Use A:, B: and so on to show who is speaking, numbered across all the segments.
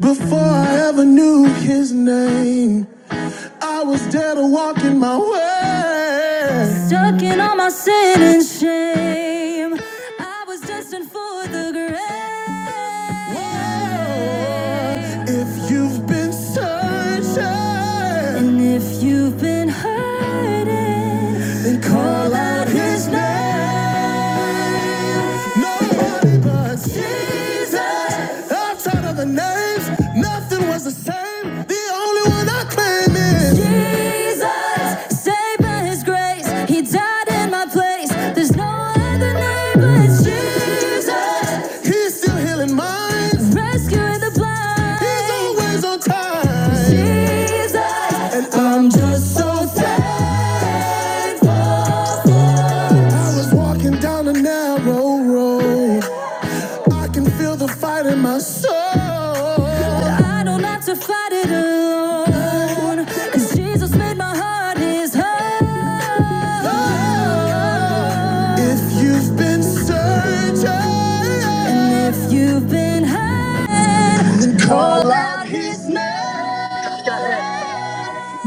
A: Before I ever knew his name, I was dead or walking my way. Stuck in all my sin and shame. I was destined for the grave. If you've been searching, And if you've been hurting, then call out his name. name. Nobody but Jesus. Outside of the names, nothing was the same. Jesus, saved His grace. He died in my place. There's no other name but Jesus. He's still healing minds, rescuing the blind. He's always on time. Jesus, and I'm just so thankful. I was walking down a narrow road. I can feel the fight in my soul. I don't have to fight it alone. 'Cause Jesus made my heart his home. If you've been searching, and if you've been hurt. Call out his name.
B: Go ahead.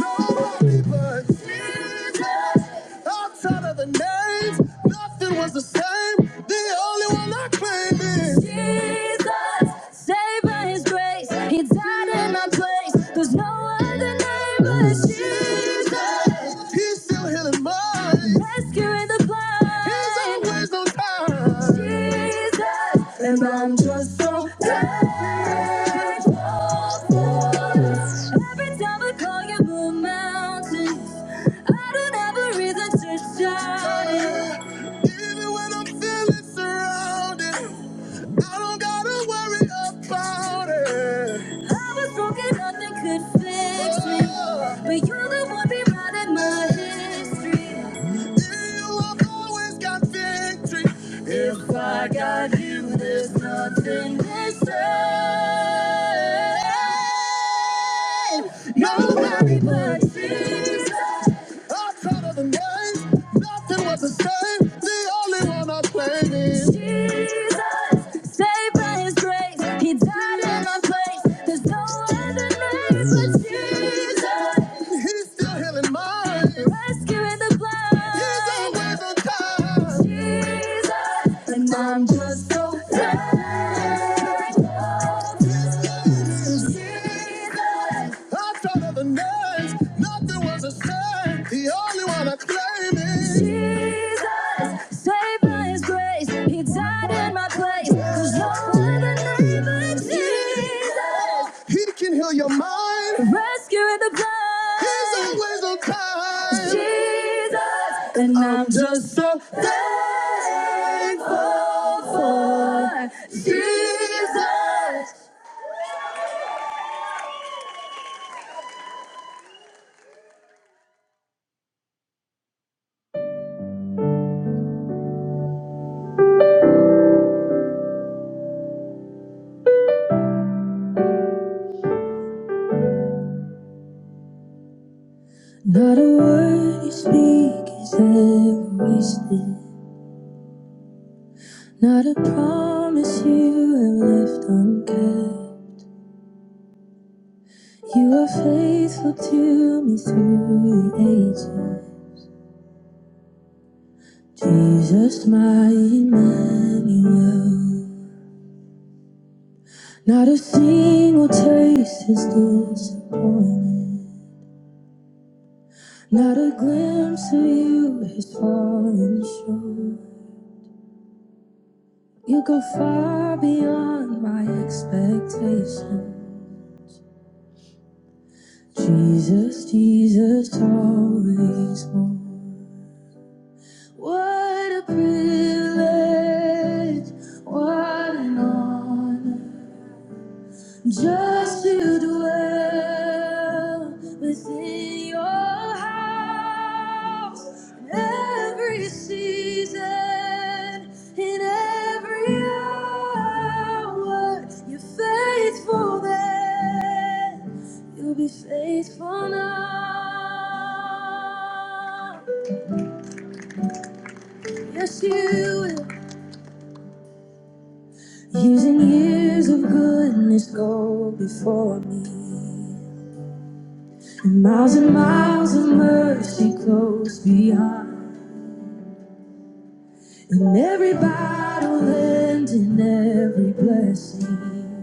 A: Nobody but Jesus. Outside of the names, nothing was the same. The only one I claim is Jesus. Saved by his grace, he died in my place. There's no other name but Jesus. He's still healing minds. Rescuing through the blood. He's always on time. Jesus, and I'm just so thankful for this. Every time I call you move mountains, I don't have a reason to shout it. Even when I'm feeling surrounded. I don't gotta worry about it. I was broken, nothing could fix me. But you're the one rewriting my history. In you, have always got victory. If I got you, there's nothing missing. Nobody but Jesus. Outside of the game, nothing was the same. The only one I blame is Jesus. Saved by His grace, He died in my place. There's no other name but Jesus. He's still healing minds, rescuing the blind. He's always on time. Jesus, and I'm just so thankful. Jesus. I thought of the names, nothing was the same. The only one I claim is Jesus, saved by His grace. He died in my place. Cause no other name but Jesus. He can heal your mind. Rescue in the blood. He's always on time. Jesus, and I'm I'm just so thankful for Jesus. Not a word you speak is ever wasted. Not a promise you have left unkept. You are faithful to me through the ages. Jesus, my Emmanuel. Not a single taste is disappointed. Not a glimpse of you has fallen short. You go far beyond my expectations. Jesus, Jesus, always more. What a privilege, what an honor. Just to dwell within your house in every season, in every hour. You're faithful then, you'll be faithful now. Yes, you will. Years and years of goodness go before me. And Miles and miles of mercy close beyond, and every battle end in every blessing.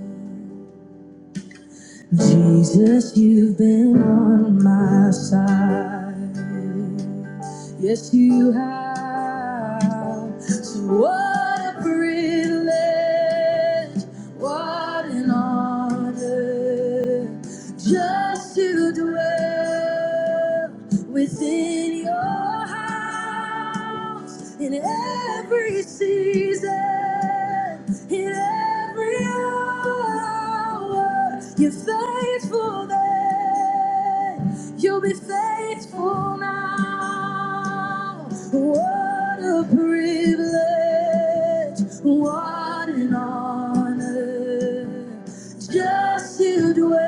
A: Jesus, you've been on my side. Yes, you have. So what a privilege, what an honor, just to dwell within your house in every season, in every hour. You're faithful then, you'll be faithful now. What a privilege, what an honor just to dwell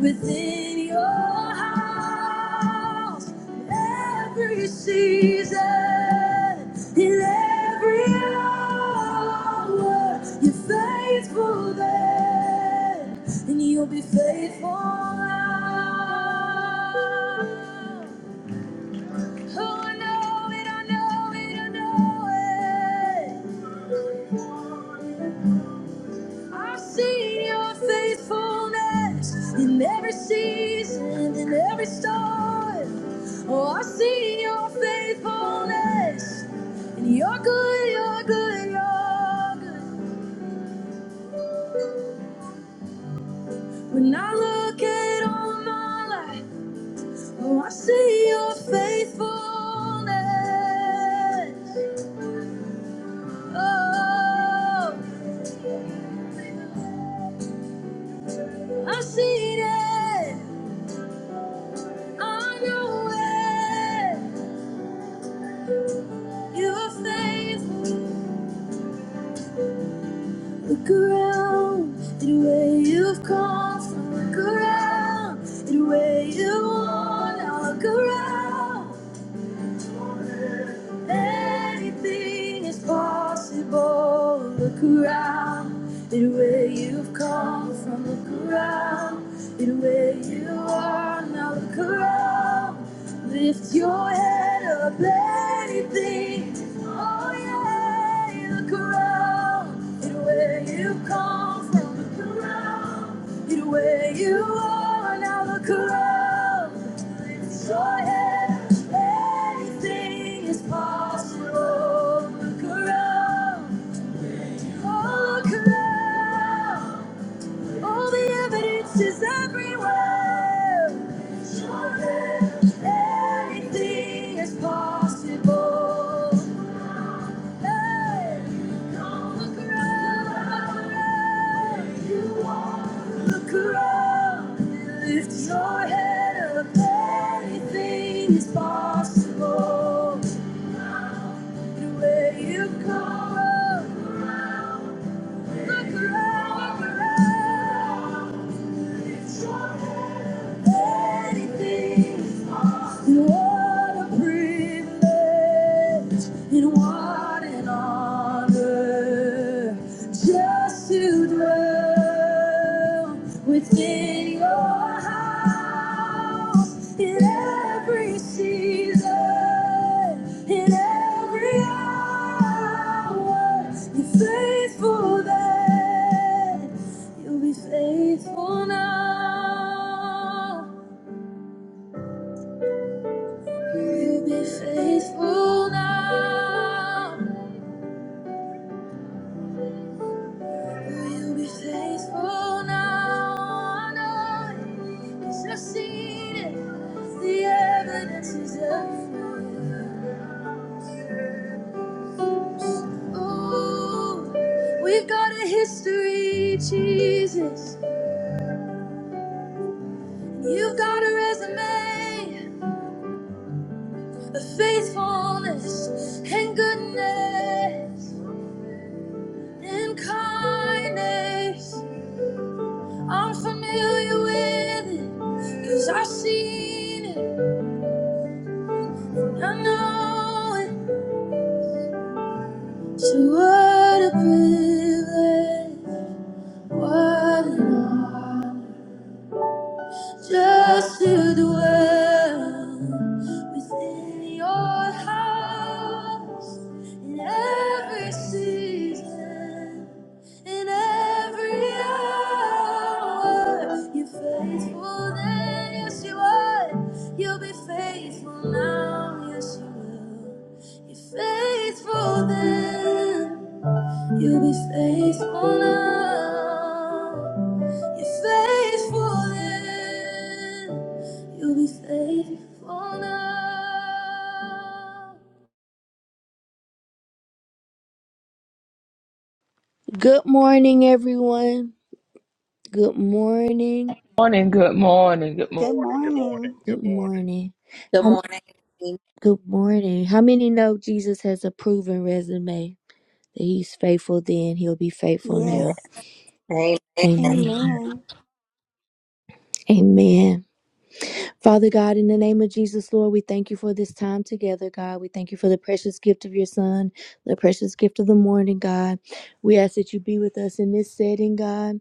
A: within your house every season, in every hour. You're faithful then, and you'll be faithful now. Oh, I know it, I know it, I know it. I've seen your faithfulness in every season, in every storm. Oh, I've seen your faithfulness, and you're good, you're good, you're good. When I look at all my life, oh, I see your faithfulness. Oh. I've seen it. I know it. Your faith, look around at where you've come from. Look around at where you are now. Look around. Anything is possible. Look around at where you've come from. Look around at where you are now. Look around. Lift your head up. Anything. Oh yeah. Look around at where you've come from. Look around at where you are now. Look around. So yeah, anything is possible. Look around, oh look around. All the evidence is everywhere. So yeah, anything is possible. Hey, look around, look around, look around. Lift your head up, anything is possible. Where you've come, look around, look around. It's your anything. What a privilege and what an honor just to dwell within your house in every season, in every hour. You're faithful then, you'll be faithful now. Will you be faithful now? Will you be faithful now? I know you it. The evidence is everywhere. Ooh, we've got a history, Jesus. You've got a resume of faithfulness and goodness and kindness. I'm familiar with it i I've seen it, I know it. So what a privilege, what an honor. just to dwell within your house in every season, in every hour. You're faithful then, yes you are. You'll be faithful now, yes you will. You're faithful then. You'll be faithful now. You're faithful then. You'll be faithful now. Good morning, everyone. Good morning.
C: morning, good morning, good
B: Good
C: morning.
D: Good
B: morning, good morning,
D: morning.
B: good
A: Good
B: morning.
A: morning.
E: Good
A: Um,
E: morning.
A: good morning. How many know Jesus has a proven resume? That he's faithful then, he'll be faithful
E: Yeah.
A: now.
D: Yes.
E: Amen.
A: Amen.
D: Amen.
A: Amen. Father God, in the name of Jesus, Lord, we thank you for this time together, God. We thank you for the precious gift of your son, the precious gift of the morning, God. We ask that you be with us in this setting, God,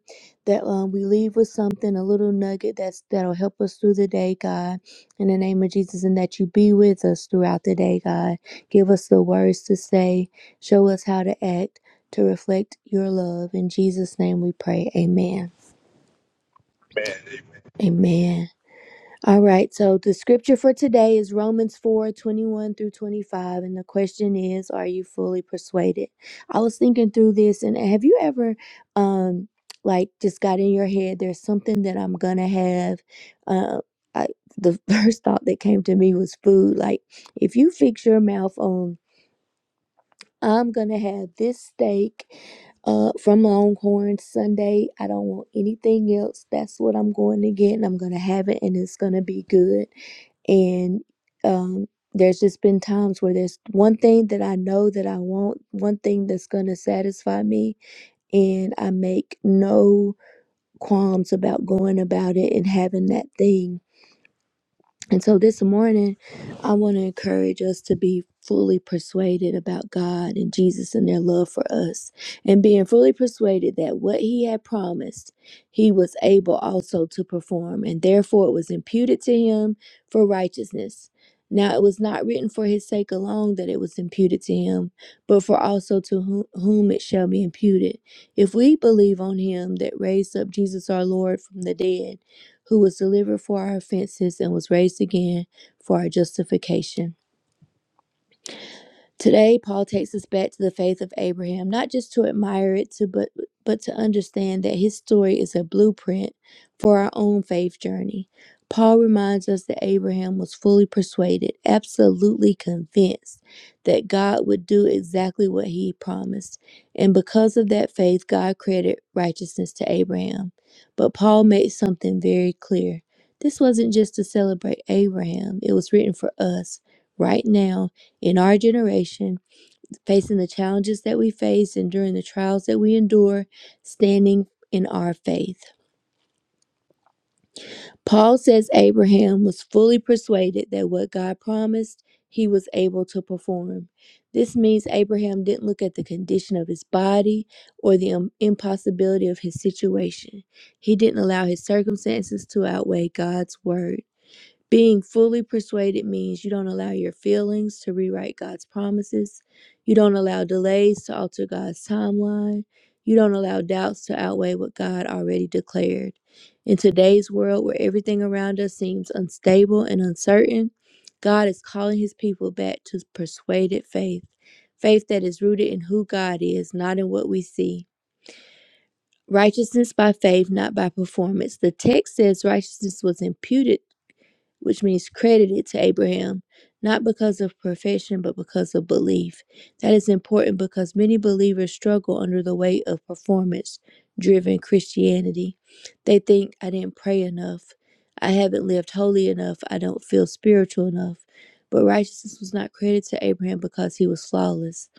A: that um, we leave with something, a little nugget that's that'll help us through the day, God. In the name of Jesus, and that you be with us throughout the day, God. Give us the words to say, show us how to act to reflect your love. In Jesus' name we pray. Amen. Amen. All right, so the scripture for today is Romans 4 21 through 25. And the question is, are you fully persuaded? I was thinking through this, and have you ever, um, like, just got in your head, there's something that I'm gonna have? Uh, I, the first thought that came to me was food. Like, if you fix your mouth on, I'm gonna have this steak uh, from Longhorn Sunday, I don't want anything else. That's what I'm going to get, and I'm gonna have it, and it's gonna be good and um, there's just been times where there's one thing that I know that I want, one thing that's going to satisfy me, and I make no qualms about going about it and having that thing and so this morning, I want to encourage us to be fully persuaded about God and Jesus and their love for us, and being fully persuaded that what He had promised, He was able also to perform, and therefore it was imputed to Him for righteousness. Now it was not written for His sake alone that it was imputed to Him, but for also to whom whom it shall be imputed. If we believe on Him that raised up Jesus our Lord from the dead, who was delivered for our offenses and was raised again for our justification. Today, Paul takes us back to the faith of Abraham, not just to admire it, to, but, but to understand that his story is a blueprint for our own faith journey. Paul reminds us that Abraham was fully persuaded, absolutely convinced that God would do exactly what he promised. And because of that faith, God credited righteousness to Abraham. But Paul made something very clear. This wasn't just to celebrate Abraham, it was written for us right now in our generation, facing the challenges that we face, enduring the trials that we endure, standing in our faith. Paul says Abraham was fully persuaded that what God promised, he was able to perform. This means Abraham didn't look at the condition of his body or the um, impossibility of his situation. He didn't allow his circumstances to outweigh God's word. Being fully persuaded means you don't allow your feelings to rewrite God's promises. You don't allow delays to alter God's timeline. You don't allow doubts to outweigh what God already declared. In today's world where everything around us seems unstable and uncertain, God is calling his people back to persuaded faith, faith that is rooted in who God is, not in what we see. Righteousness by faith, not by performance. The text says righteousness was imputed which means credited to Abraham, not because of profession, but because of belief. That is important because many believers struggle under the weight of performance driven Christianity. They think, I didn't pray enough, I haven't lived holy enough, I don't feel spiritual enough. But righteousness was not credited to Abraham because he was flawless,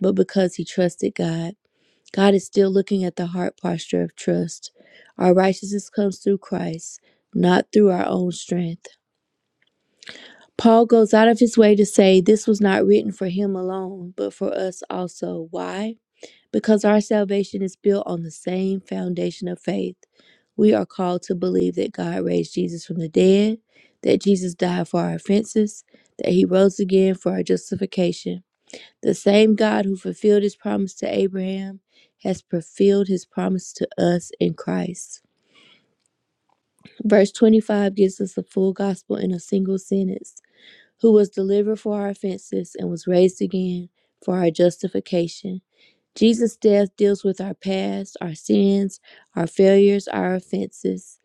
A: but because he trusted God. God is still looking at the heart posture of trust. Our righteousness comes through Christ, not through our own strength. Paul goes out of his way to say this was not written for him alone, but for us also. Why? Because our salvation is built on the same foundation of faith. We are called to believe that God raised Jesus from the dead, that Jesus died for our offenses, that he rose again for our justification. The same God who fulfilled his promise to Abraham has fulfilled his promise to us in Christ. Verse 25 gives us the full gospel in a single sentence who was delivered for our offenses and was raised again for our justification. Jesus' death deals with our past, our sins, our failures, our offenses.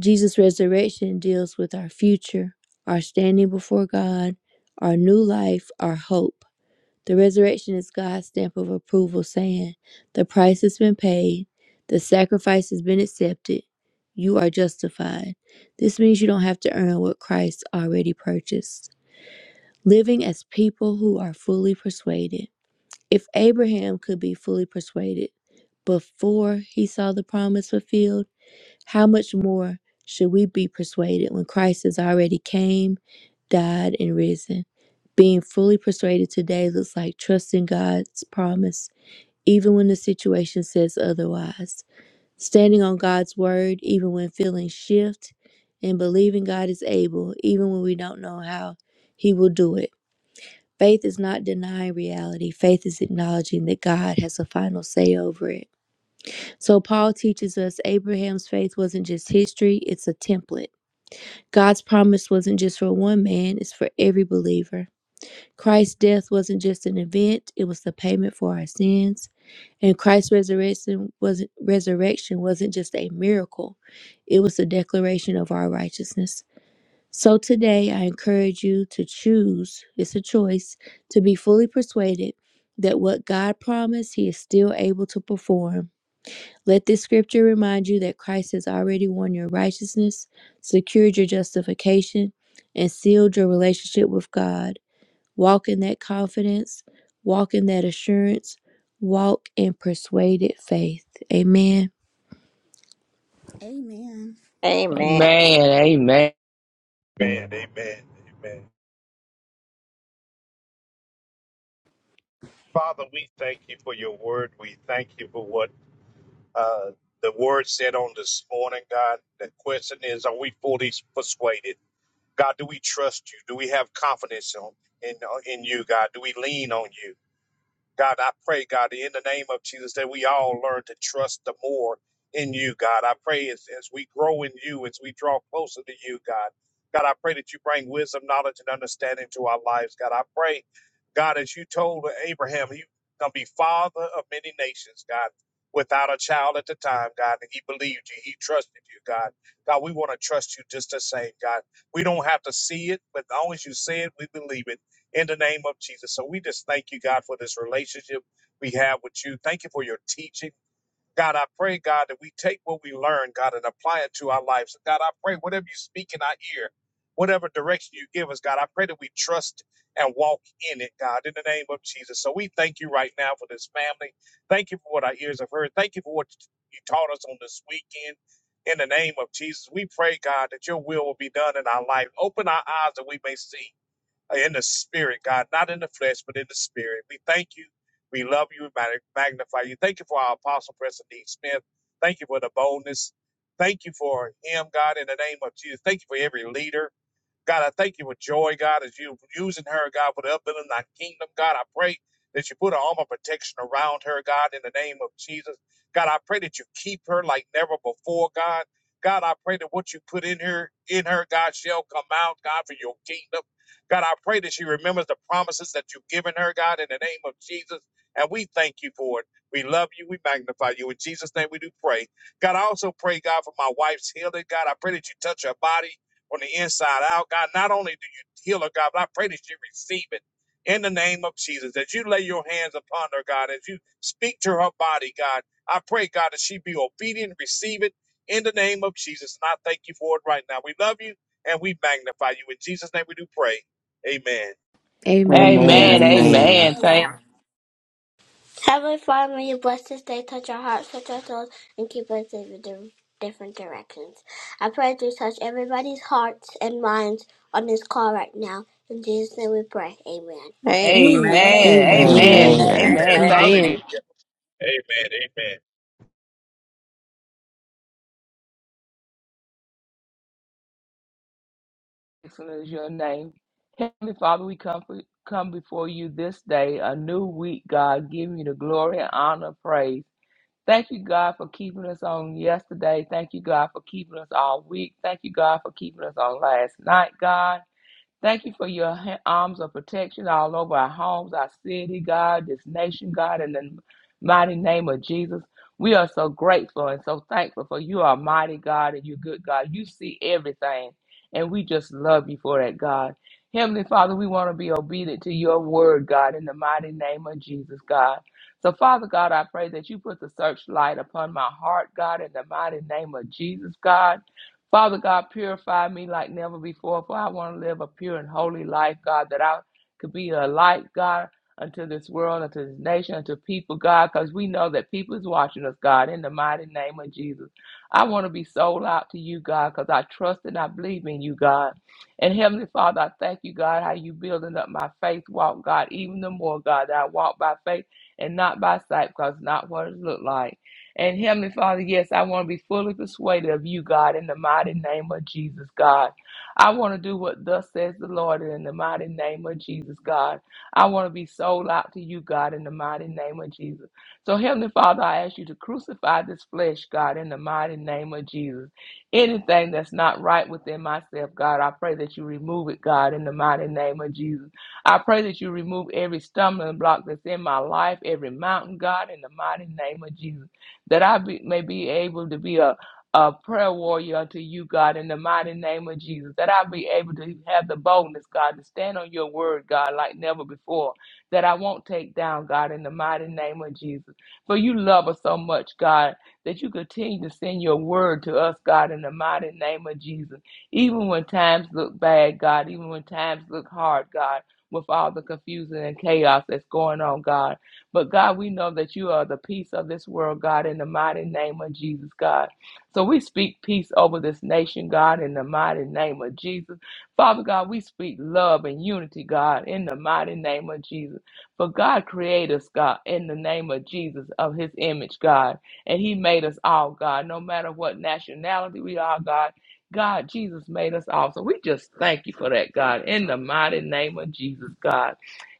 A: Jesus' resurrection deals with our future, our standing before God, our new life, our hope. The resurrection is God's stamp of approval saying, The price has been paid, the sacrifice has been accepted, you are justified. This means you don't have to earn what Christ already purchased living as people who are fully persuaded. If Abraham could be fully persuaded before he saw the promise fulfilled, how much more should we be persuaded when Christ has already came, died, and risen? Being fully persuaded today looks like trusting God's promise, even when the situation says otherwise. Standing on God's word, even when feelings shift, and believing God is able, even when we don't know how He will do it. Faith is not denying reality. Faith is acknowledging that God has a final say over it. So, Paul teaches us Abraham's faith wasn't just history, it's a template. God's promise wasn't just for one man, it's for every believer. Christ's death wasn't just an event, it was the payment for our sins. And Christ's resurrection wasn't, resurrection wasn't just a miracle, it was a declaration of our righteousness. So today, I encourage you to choose, it's a choice, to be fully persuaded that what God promised, He is still able to perform. Let this scripture remind you that Christ has already won your righteousness, secured your justification, and sealed your relationship with God. Walk in that confidence, walk in that assurance, walk in persuaded faith. Amen.
D: Amen.
E: Amen.
C: Amen, amen,
B: Amen, amen, amen. Father, we thank you for your word. We thank you for what uh, the word said on this morning, God. The question is, are we fully persuaded? God, do we trust you? Do we have confidence on, in, in you, God? Do we lean on you? God, I pray, God, in the name of Jesus, that we all learn to trust the more in you, God. I pray as, as we grow in you, as we draw closer to you, God. God, I pray that you bring wisdom, knowledge, and understanding to our lives, God. I pray, God, as you told Abraham, he's going to be father of many nations, God, without a child at the time, God. And he believed you, he trusted you, God. God, we want to trust you just the same, God. We don't have to see it, but as long as you say it, we believe it in the name of Jesus. So we just thank you, God, for this relationship we have with you. Thank you for your teaching. God, I pray, God, that we take what we learn, God, and apply it to our lives. God, I pray whatever you speak in our ear, whatever direction you give us, God, I pray that we trust and walk in it, God, in the name of Jesus. So we thank you right now for this family. Thank you for what our ears have heard. Thank you for what you taught us on this weekend. In the name of Jesus, we pray, God, that your will will be done in our life. Open our eyes that we may see uh, in the spirit, God, not in the flesh, but in the spirit. We thank you. We love you and mag- magnify you. Thank you for our apostle, President D. Smith. Thank you for the boldness. Thank you for him, God, in the name of Jesus. Thank you for every leader. God, I thank you with joy, God, as you using her, God, for the upbuilding of thy kingdom. God, I pray that you put an arm of protection around her, God, in the name of Jesus. God, I pray that you keep her like never before, God. God, I pray that what you put in her, in her, God, shall come out, God, for your kingdom. God, I pray that she remembers the promises that you've given her, God, in the name of Jesus. And we thank you for it. We love you. We magnify you. In Jesus' name we do pray. God, I also pray, God, for my wife's healing. God, I pray that you touch her body. From the inside out. God, not only do you heal her, God, but I pray that you receive it in the name of Jesus. As you lay your hands upon her, God, as you speak to her body, God, I pray, God, that she be obedient, receive it in the name of Jesus. And I thank you for it right now. We love you and we magnify you. In Jesus' name we do pray. Amen.
A: Amen.
F: Amen.
C: amen,
D: Amen.
F: Amen.
C: amen.
D: Amen.
C: Thank,
G: Heavenly Father, may you bless this day, touch our hearts, touch our souls, and keep us in di- different directions. I pray that you touch everybody's hearts and minds on this call right now. In Jesus' name we pray. Amen.
E: Amen. Amen.
C: amen,
D: Amen.
A: Amen.
C: amen,
D: Amen.
E: Amen.
F: Amen.
D: Thank
B: Amen.
D: you,
C: amen. Thank
D: Lord.
C: you.
A: Amen.
B: Hallelujah. Amen. Amen.
C: Excellent is your name, Heavenly Father. We come for, come before you this day, a new week. God, give you the glory, honor, praise. Thank you, God, for keeping us on yesterday. Thank you, God, for keeping us all week. Thank you, God, for keeping us on last night, God. Thank you for your ha- arms of protection all over our homes, our city, God, this nation, God, in the mighty name of Jesus. We are so grateful and so thankful for you are mighty God and you're good God. You see everything, and we just love you for that, God. Heavenly Father, we want to be obedient to your word, God, in the mighty name of Jesus, God. So, Father God, I pray that you put the searchlight upon my heart, God, in the mighty name of Jesus, God. Father God, purify me like never before, for I want to live a pure and holy life, God, that I could be a light, God, unto this world, unto this nation, unto people, God, because we know that people is watching us, God, in the mighty name of Jesus. I want to be sold out to you, God, because I trust and I believe in you, God. And Heavenly Father, I thank you, God, how you building up my faith walk, God, even the more, God, that I walk by faith and not by sight, because it's not what it look like. And Heavenly Father, yes, I want to be fully persuaded of you, God, in the mighty name of Jesus, God. I want to do what thus says the Lord in the mighty name of Jesus, God. I want to be sold out to you, God, in the mighty name of Jesus. So, Heavenly Father, I ask you to crucify this flesh, God, in the mighty name of Jesus. Anything that's not right within myself, God, I pray that you remove it, God, in the mighty name of Jesus. I pray that you remove every stumbling block that's in my life, every mountain, God, in the mighty name of Jesus that I be, may be able to be a, a prayer warrior unto you, God, in the mighty name of Jesus. That I be able to have the boldness, God, to stand on your word, God, like never before. That I won't take down, God, in the mighty name of Jesus. For you love us so much, God, that you continue to send your word to us, God, in the mighty name of Jesus. Even when times look bad, God, even when times look hard, God, with all the confusion and chaos that's going on, God. But God, we know that you are the peace of this world, God, in the mighty name of Jesus, God. So we speak peace over this nation, God, in the mighty name of Jesus. Father God, we speak love and unity, God, in the mighty name of Jesus. For God created us, God, in the name of Jesus, of his image, God. And he made us all, God, no matter what nationality we are, God. God, Jesus made us all. So we just thank you for that, God, in the mighty name of Jesus, God.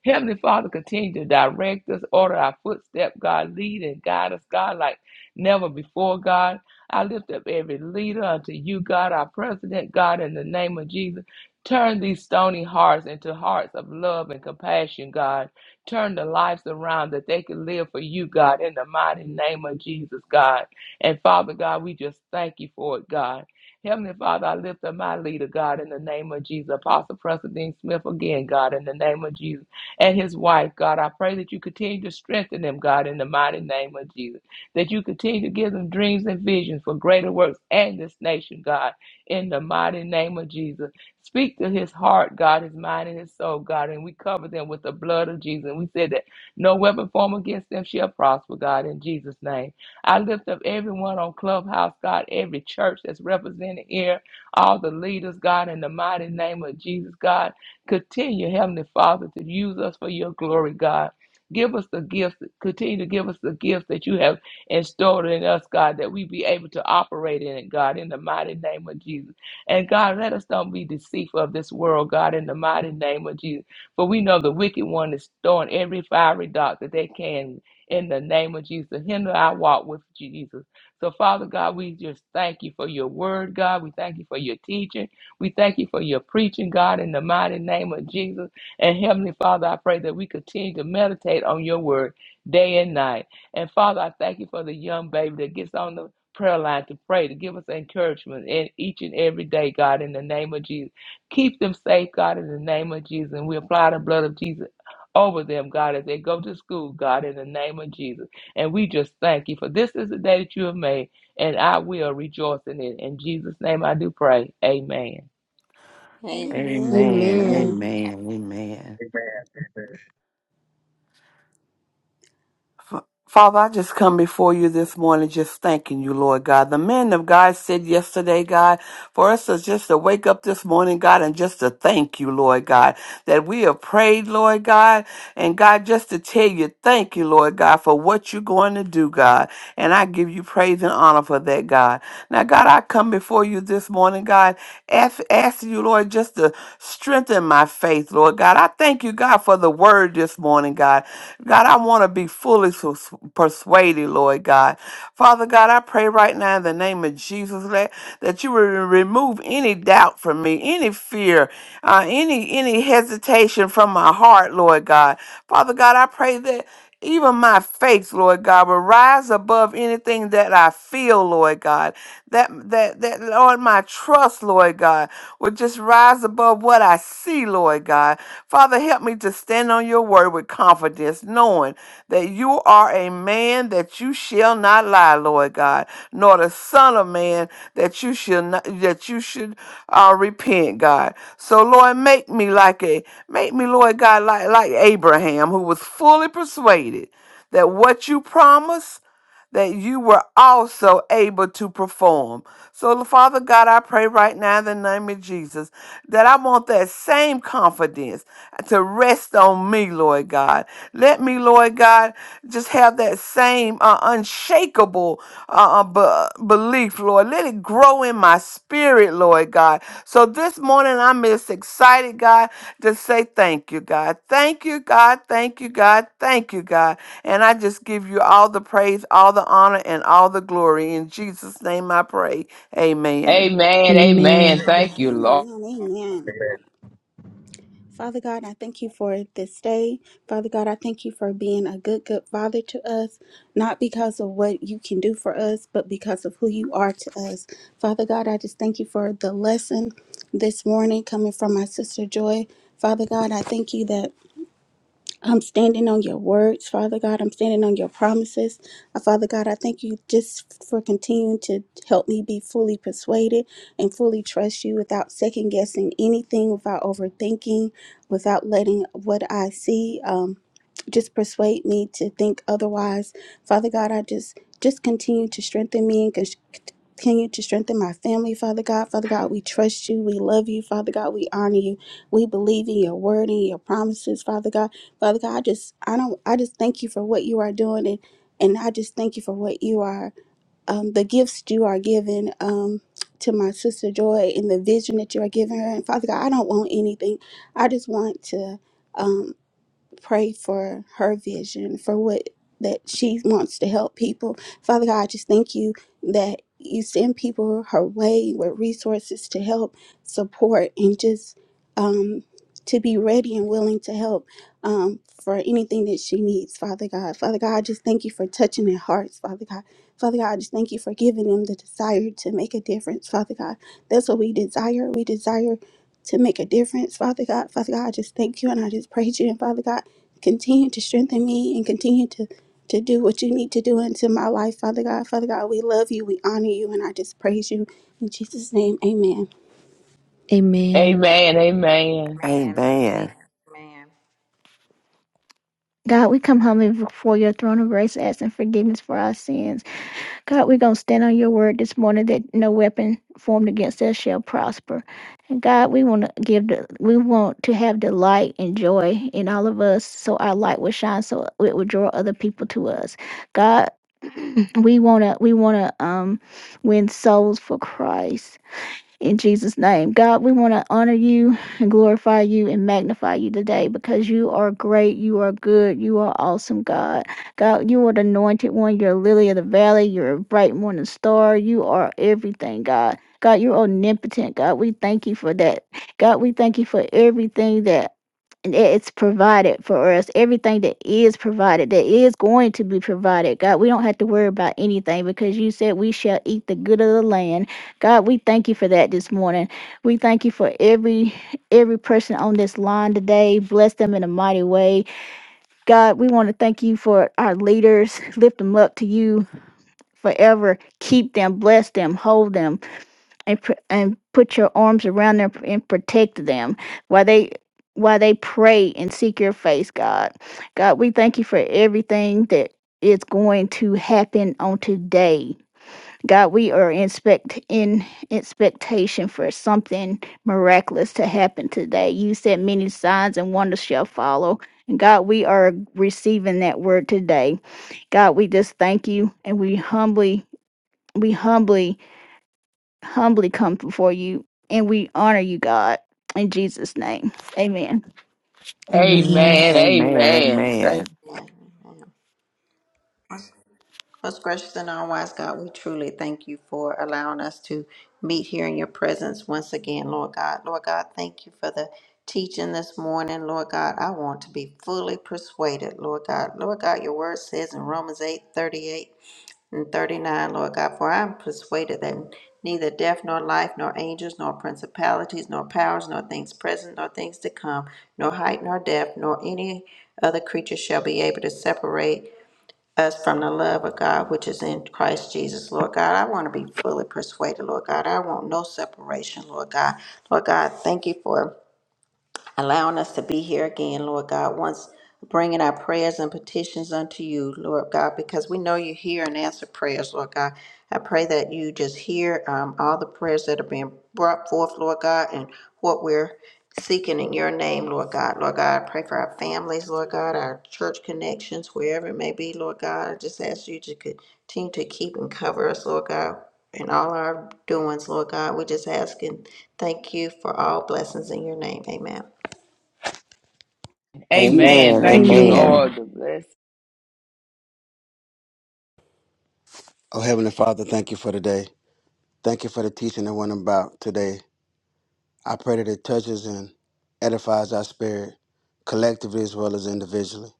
C: Heavenly Father, continue to direct us, order our footstep, God, lead and guide us, God, like never before, God. I lift up every leader unto you, God, our president, God, in the name of Jesus. Turn these stony hearts into hearts of love and compassion, God. Turn the lives around that they can live for you, God, in the mighty name of Jesus, God. And Father God, we just thank you for it, God. Heavenly Father, I lift up my leader, God, in the name of Jesus. Apostle Preston Dean Smith again, God, in the name of Jesus and his wife, God. I pray that you continue to strengthen them, God, in the mighty name of Jesus. That you continue to give them dreams and visions for greater works and this nation, God, in the mighty name of Jesus. Speak to his heart, God, his mind, and his soul, God, and we cover them with the blood of Jesus. And we said that no weapon formed against them shall prosper, God, in Jesus' name. I lift up everyone on Clubhouse, God, every church that's represented here, all the leaders, God, in the mighty name of Jesus, God. Continue, Heavenly Father, to use us for your glory, God. Give us the gifts, continue to give us the gifts that you have installed in us, God, that we be able to operate in it, God, in the mighty name of Jesus. And God, let us don't be deceitful of this world, God, in the mighty name of Jesus. For we know the wicked one is throwing every fiery dart that they can in the name of Jesus to hinder our walk with Jesus. So, Father God, we just thank you for your word, God. We thank you for your teaching. We thank you for your preaching, God, in the mighty name of Jesus. And Heavenly Father, I pray that we continue to meditate on your word day and night. And Father, I thank you for the young baby that gets on the prayer line to pray, to give us encouragement in each and every day, God, in the name of Jesus. Keep them safe, God, in the name of Jesus. And we apply the blood of Jesus over them, God, as they go to school, God, in the name of Jesus. And we just thank you for this is the day that you have made, and I will rejoice in it. In Jesus' name I do pray. Amen.
E: Amen.
D: Amen.
F: Amen.
A: Amen.
D: Amen.
F: Amen. Amen. Father, I just come before you this morning just thanking you, Lord God. The men of God said yesterday, God, for us to just to wake up this morning, God, and just to thank you, Lord God, that we have prayed, Lord God, and God, just to tell you, thank you, Lord God, for what you're going to do, God. And I give you praise and honor for that, God. Now, God, I come before you this morning, God, ask, asking you, Lord, just to strengthen my faith, Lord God. I thank you, God, for the word this morning, God. God, I want to be fully sus- persuaded, Lord God. Father God, I pray right now in the name of Jesus that, that you will remove any doubt from me, any fear, uh, any any hesitation from my heart, Lord God. Father God, I pray that even my faith, Lord God, will rise above anything that I feel, Lord God. That that that Lord, my trust, Lord God, would just rise above what I see, Lord God. Father, help me to stand on your word with confidence, knowing that you are a man that you shall not lie, Lord God, nor the son of man that you shall not that you should uh, repent, God. So Lord, make me like a make me, Lord God, like like Abraham, who was fully persuaded that what you promised that you were also able to perform. So, Father God, I pray right now in the name of Jesus that I want that same confidence to rest on me, Lord God. Let me, Lord God, just have that same uh, unshakable uh, uh, be- belief, Lord. Let it grow in my spirit, Lord God. So this morning I'm just excited, God, to say thank you, God. Thank you, God. Thank you, God. Thank you, God. And I just give you all the praise, all the honor, and all the glory. In Jesus' name I pray. Amen.
C: Amen.
A: Amen.
C: Amen. Thank you, Lord.
D: Amen. Amen. Father God, I thank you for this day. Father God, I thank you for being a good, good father to us, not because of what you can do for us, but because of who you are to us. Father God, I just thank you for the lesson this morning coming from my sister Joy. Father God, I thank you that. I'm standing on your words, Father God. I'm standing on your promises. Uh, Father God, I thank you just for continuing to help me be fully persuaded and fully trust you without second guessing anything, without overthinking, without letting what I see um, just persuade me to think otherwise. Father God, I just just continue to strengthen me and cons- continue to strengthen my family, Father God. Father God, we trust you. We love you, Father God. We honor you. We believe in your word and your promises, Father God. Father God, I just I don't I just thank you for what you are doing and and I just thank you for what you are um the gifts you are giving um to my sister Joy and the vision that you are giving her. And Father God, I don't want anything. I just want to um pray for her vision for what that she wants to help people. Father God, I just thank you that you send people her way with resources to help, support, and just um, to be ready and willing to help um, for anything that she needs, Father God. Father God, I just thank you for touching their hearts, Father God. Father God, I just thank you for giving them the desire to make a difference, Father God. That's what we desire. We desire to make a difference, Father God. Father God, I just thank you and I just praise you. And Father God, Continue to strengthen me and continue to, to do what you need to do into my life, Father God. Father God, we love you, we honor you, and I just praise you. In Jesus' name, amen.
A: Amen.
C: Amen. Amen.
E: Amen.
F: Amen.
H: God, we come humbly before your throne of grace, asking forgiveness for our sins. God, we're going to stand on your word this morning that no weapon formed against us shall prosper. And God, we want to give the, we want to have the light and joy in all of us so our light will shine so it will draw other people to us. God, we want to, we want to um, win souls for Christ in Jesus' name. God, we want to honor you and glorify you and magnify you today because you are great, you are good, you are awesome, God. God, you are the anointed one, you're lily of the valley, you're a bright morning star, you are everything, God. God, you're omnipotent. God, we thank you for that. God, we thank you for everything that and that it's provided for us. Everything that is provided, that is going to be provided. God, we don't have to worry about anything because you said we shall eat the good of the land. God, we thank you for that this morning. We thank you for every every person on this line today. Bless them in a mighty way. God, we want to thank you for our leaders. Lift them up to you forever. Keep them, bless them, hold them and pr- and put your arms around them and protect them while they while they pray and seek your face, God. God, we thank you for everything that is going to happen on today. God, we are in, spect- in expectation for something miraculous to happen today. You said many signs and wonders shall follow. And God, we are receiving that word today. God, we just thank you and we humbly, we humbly humbly come before you, and we honor you, God, in Jesus' name. Amen.
E: Amen. Amen.
A: Amen.
C: Amen.
F: Amen.
C: Amen. Thank,
F: Amen.
E: Amen. Most gracious and all wise God, we truly thank you for allowing us to meet here in your presence once again, Lord God. Lord God, thank you for the teaching this morning, Lord God. I want to be fully persuaded, Lord God. Lord God, your word says in Romans eight thirty eight. And 39, Lord God, for I am persuaded that neither death nor life, nor angels, nor principalities, nor powers, nor things present, nor things to come, nor height, nor depth, nor any other creature shall be able to separate us from the love of God which is in Christ Jesus. Lord God, I want to be fully persuaded, Lord God. I want no separation, Lord God. Lord God, thank you for allowing us to be here again, Lord God, once bringing our prayers and petitions unto you, Lord God, because we know you hear and answer prayers, Lord God. I pray that you just hear um, all the prayers that are being brought forth, Lord God, and what we're seeking in your name, Lord God. Lord God, I pray for our families, Lord God, our church connections, wherever it may be, Lord God. I just ask you to continue to keep and cover us, Lord God, in all our doings, Lord God. We just ask and thank you for all blessings in your name. Amen.
F: Amen.
C: amen. Thank
D: Amen.
C: you,
D: Amen.
F: Amen.
A: Amen.
C: Lord. The bless.
G: Oh, Heavenly Father, thank you for today. Thank you for the teaching that went about today. I pray that it touches and edifies our spirit, collectively as well as individually.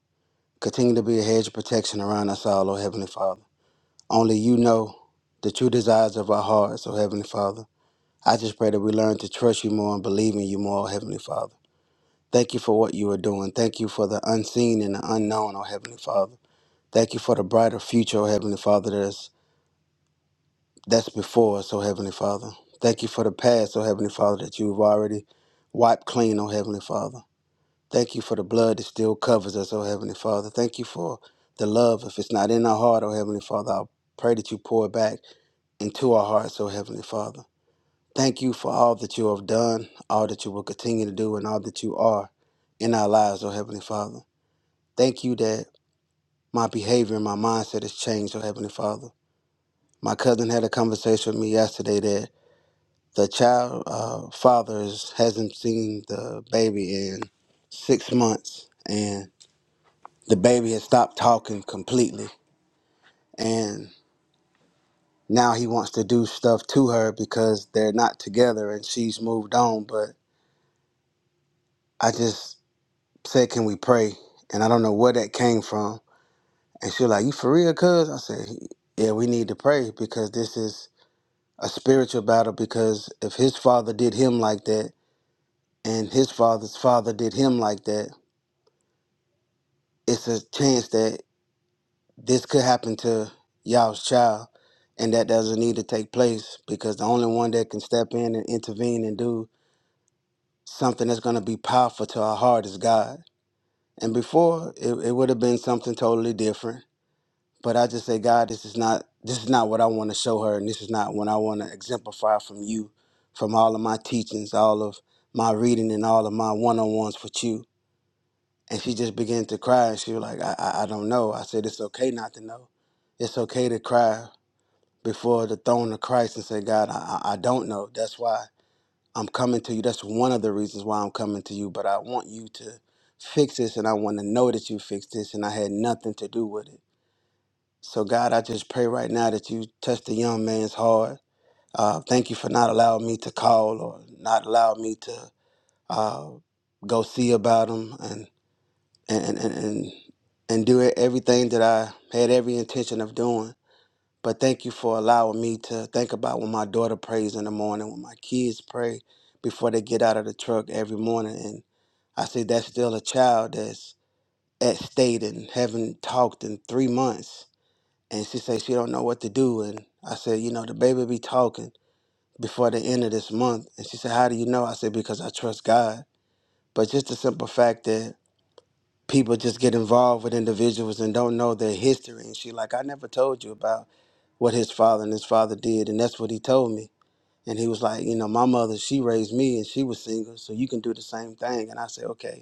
G: Continue to be a hedge of protection around us all, oh Heavenly Father. Only you know the true desires of our hearts, oh Heavenly Father. I just pray that we learn to trust you more and believe in you more, oh Heavenly Father. Thank you for what you are doing. Thank you for the unseen and the unknown, oh Heavenly Father. Thank you for the brighter future, oh Heavenly Father, that is, that's before us, oh Heavenly Father. Thank you for the past, oh Heavenly Father, that you've already wiped clean, oh Heavenly Father. Thank you for the blood that still covers us, oh Heavenly Father. Thank you for the love. If it's not in our heart, oh Heavenly Father, I pray that you pour it back into our hearts, oh Heavenly Father. Thank you for all that you have done, all that you will continue to do, and all that you are in our lives, oh Heavenly Father. Thank you that my behavior and my mindset has changed, oh Heavenly Father. My cousin had a conversation with me yesterday that the child uh, father is- hasn't seen the baby in six months, and the baby has stopped talking completely. And now he wants to do stuff to her because they're not together and she's moved on, but I just said, "Can we pray?" And I don't know where that came from. And she was like, "You for real, cuz?" I said, "Yeah, we need to pray because this is a spiritual battle. Because if his father did him like that, and his father's father did him like that, it's a chance that this could happen to y'all's child." And that doesn't need to take place because the only one that can step in and intervene and do something that's going to be powerful to our heart is God. And before, it, it would have been something totally different But I just say, God, this is not this is not what I want to show her, and this is not what I want to exemplify from you, from all of my teachings, all of my reading, and all of my one-on-ones with you. And she just began to cry, and she was like, I, I, I don't know. I said, it's okay not to know. It's okay to cry before the throne of Christ and say, God, I, I I don't know. That's why I'm coming to you. That's one of the reasons why I'm coming to you. But I want you to fix this, and I want to know that you fixed this, and I had nothing to do with it. So, God, I just pray right now that you touch the young man's heart. Uh, thank you for not allowing me to call or not allow me to uh, go see about him and and and and, and do everything that I had every intention of doing. But thank you for allowing me to think about when my daughter prays in the morning, when my kids pray before they get out of the truck every morning, and I say that's still a child that's at state and haven't talked in three months and she say she don't know what to do and i said you know the baby be talking before the end of this month and she said how do you know i said because i trust god but just the simple fact that people just get involved with individuals and don't know their history and she like i never told you about what his father and his father did and that's what he told me and he was like you know my mother she raised me and she was single so you can do the same thing and i said okay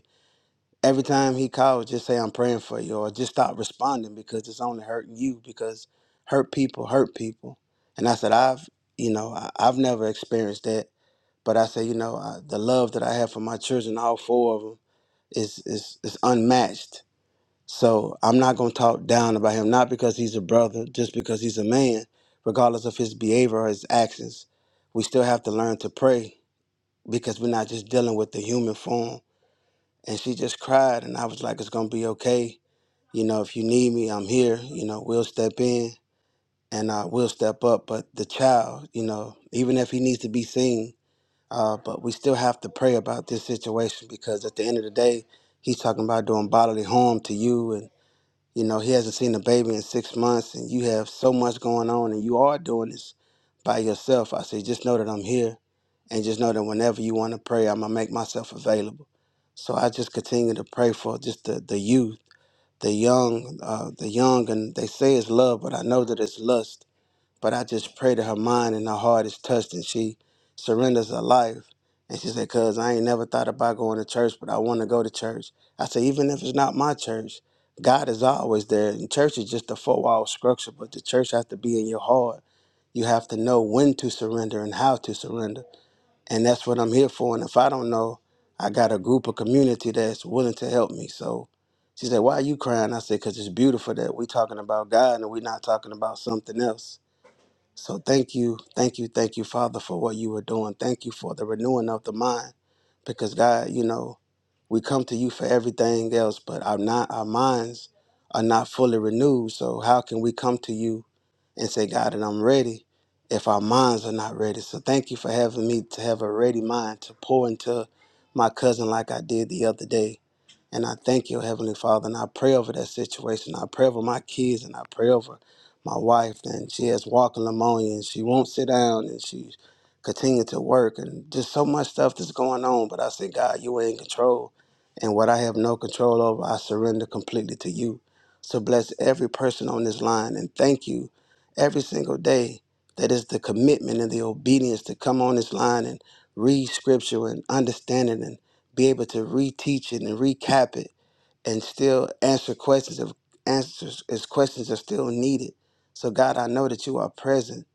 G: every time he calls, just say I'm praying for you, or just stop responding because it's only hurting you. Because hurt people hurt people, and I said I've you know I, I've never experienced that, but I said you know I, the love that I have for my children, all four of them, is is is unmatched. So I'm not gonna talk down about him, not because he's a brother, just because he's a man, regardless of his behavior or his actions. We still have to learn to pray because we're not just dealing with the human form and she just cried and i was like it's gonna be okay you know if you need me i'm here you know we'll step in and uh, we'll step up but the child you know even if he needs to be seen uh, but we still have to pray about this situation because at the end of the day he's talking about doing bodily harm to you and. You know, he hasn't seen a baby in six months, and you have so much going on, and you are doing this by yourself. I say, just know that I'm here, and just know that whenever you want to pray, I'm gonna make myself available. So I just continue to pray for just the, the youth, the young, uh, the young, and they say it's love, but I know that it's lust but I just pray that her mind and her heart is touched and she surrenders her life. And she said, Cuz I ain't never thought about going to church, but I want to go to church. I said, Even if it's not my church, God is always there. And church is just a four wall structure, but the church has to be in your heart. You have to know when to surrender and how to surrender. And that's what I'm here for. And if I don't know, I got a group of community that's willing to help me. So she said, Why are you crying? I said, Because it's beautiful that we talking about God and we are not talking about something else. So thank you, thank you, thank you, Father, for what you are doing. Thank you for the renewing of the mind. Because God, you know, we come to you for everything else, but our not our minds are not fully renewed. So how can we come to you and say, God, that I'm ready if our minds are not ready? So thank you for having me to have a ready mind to pour into my cousin like I did the other day. And I thank you, Heavenly Father, and I pray over that situation. I pray over my kids and I pray over my wife, and she has walking pneumonia, and she won't sit down, and she continued to work, and just so much stuff that's going on. But I said, God, you are in control, and what I have no control over, I surrender completely to you. So bless every person on this line, and thank you every single day. That is the commitment and the obedience to come on this line and read scripture and understand it and be able to reteach it and recap it and still answer questions if answers if questions are still needed. So God, I know that you are present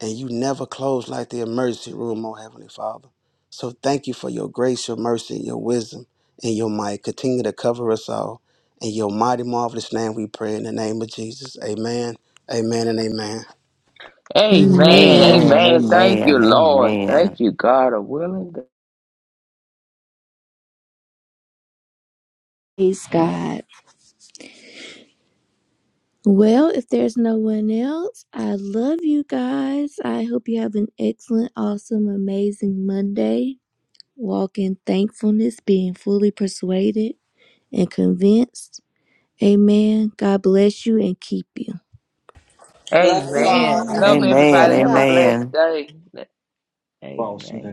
G: and you never close like the emergency room, oh Heavenly Father. So thank you for your grace, your mercy, and your wisdom and your might. Continue to cover us all. In your mighty marvelous name we pray in the name of Jesus. Amen. Amen and amen.
C: Amen.
A: Amen.
D: Amen.
F: Amen. Amen.
C: Amen. Thank
D: Amen.
C: you, Lord.
F: Amen.
C: Thank you, God. A willing. God.
A: Praise God. Well, if there's no one else, I love you guys. I hope you have an excellent, awesome, amazing Monday. Walk in thankfulness, being fully persuaded and convinced. Amen. God bless you and keep you.
E: Love you all.
C: Amen.
D: Amen.
C: Love
D: amen.
F: Amen.
C: everybody.
D: Love
C: Have a
D: y'all.
C: blessed
F: Amen.
C: day.
B: Amen.
C: Amen.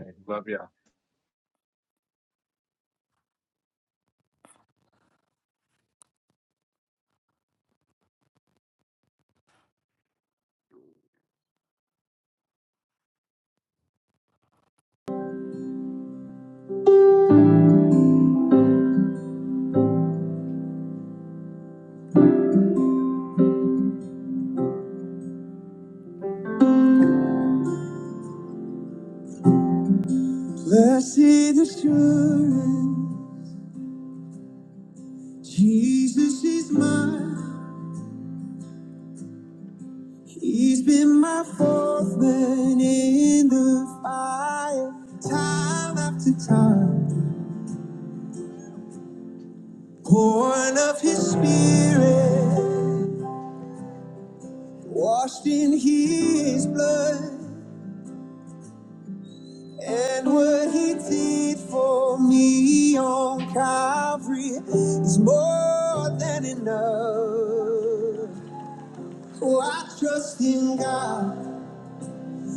A: Blessed assurance, Jesus is mine. He's been my fourth man in the fire, time after time. Born of his spirit, washed in his blood, and what he did for me on Calvary is more than enough. Oh, I trust in God,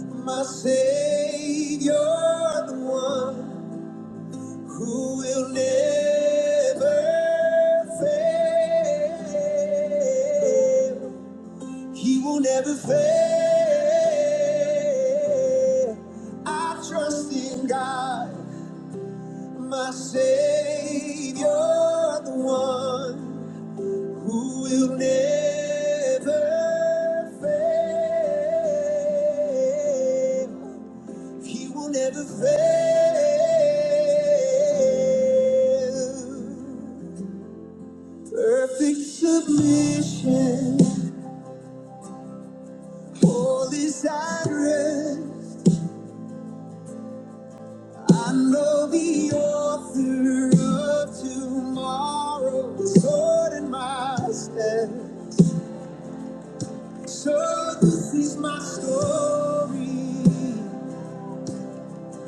A: my Savior, the one. who will never fail. He will never fail. I trust in God, my Savior, the one who will never fail. He will never fail. Perfect submission, holy silence. I know the author of tomorrow is ordering my steps. So this is my story,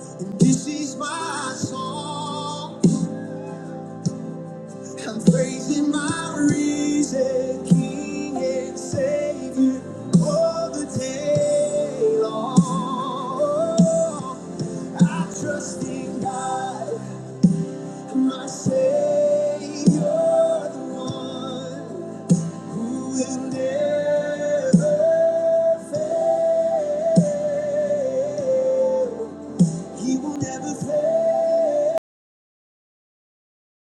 A: and this is my song. I'm praising my risen King and Savior all the day long. I trust in God, my Savior, the one who will never fail. He will never fail.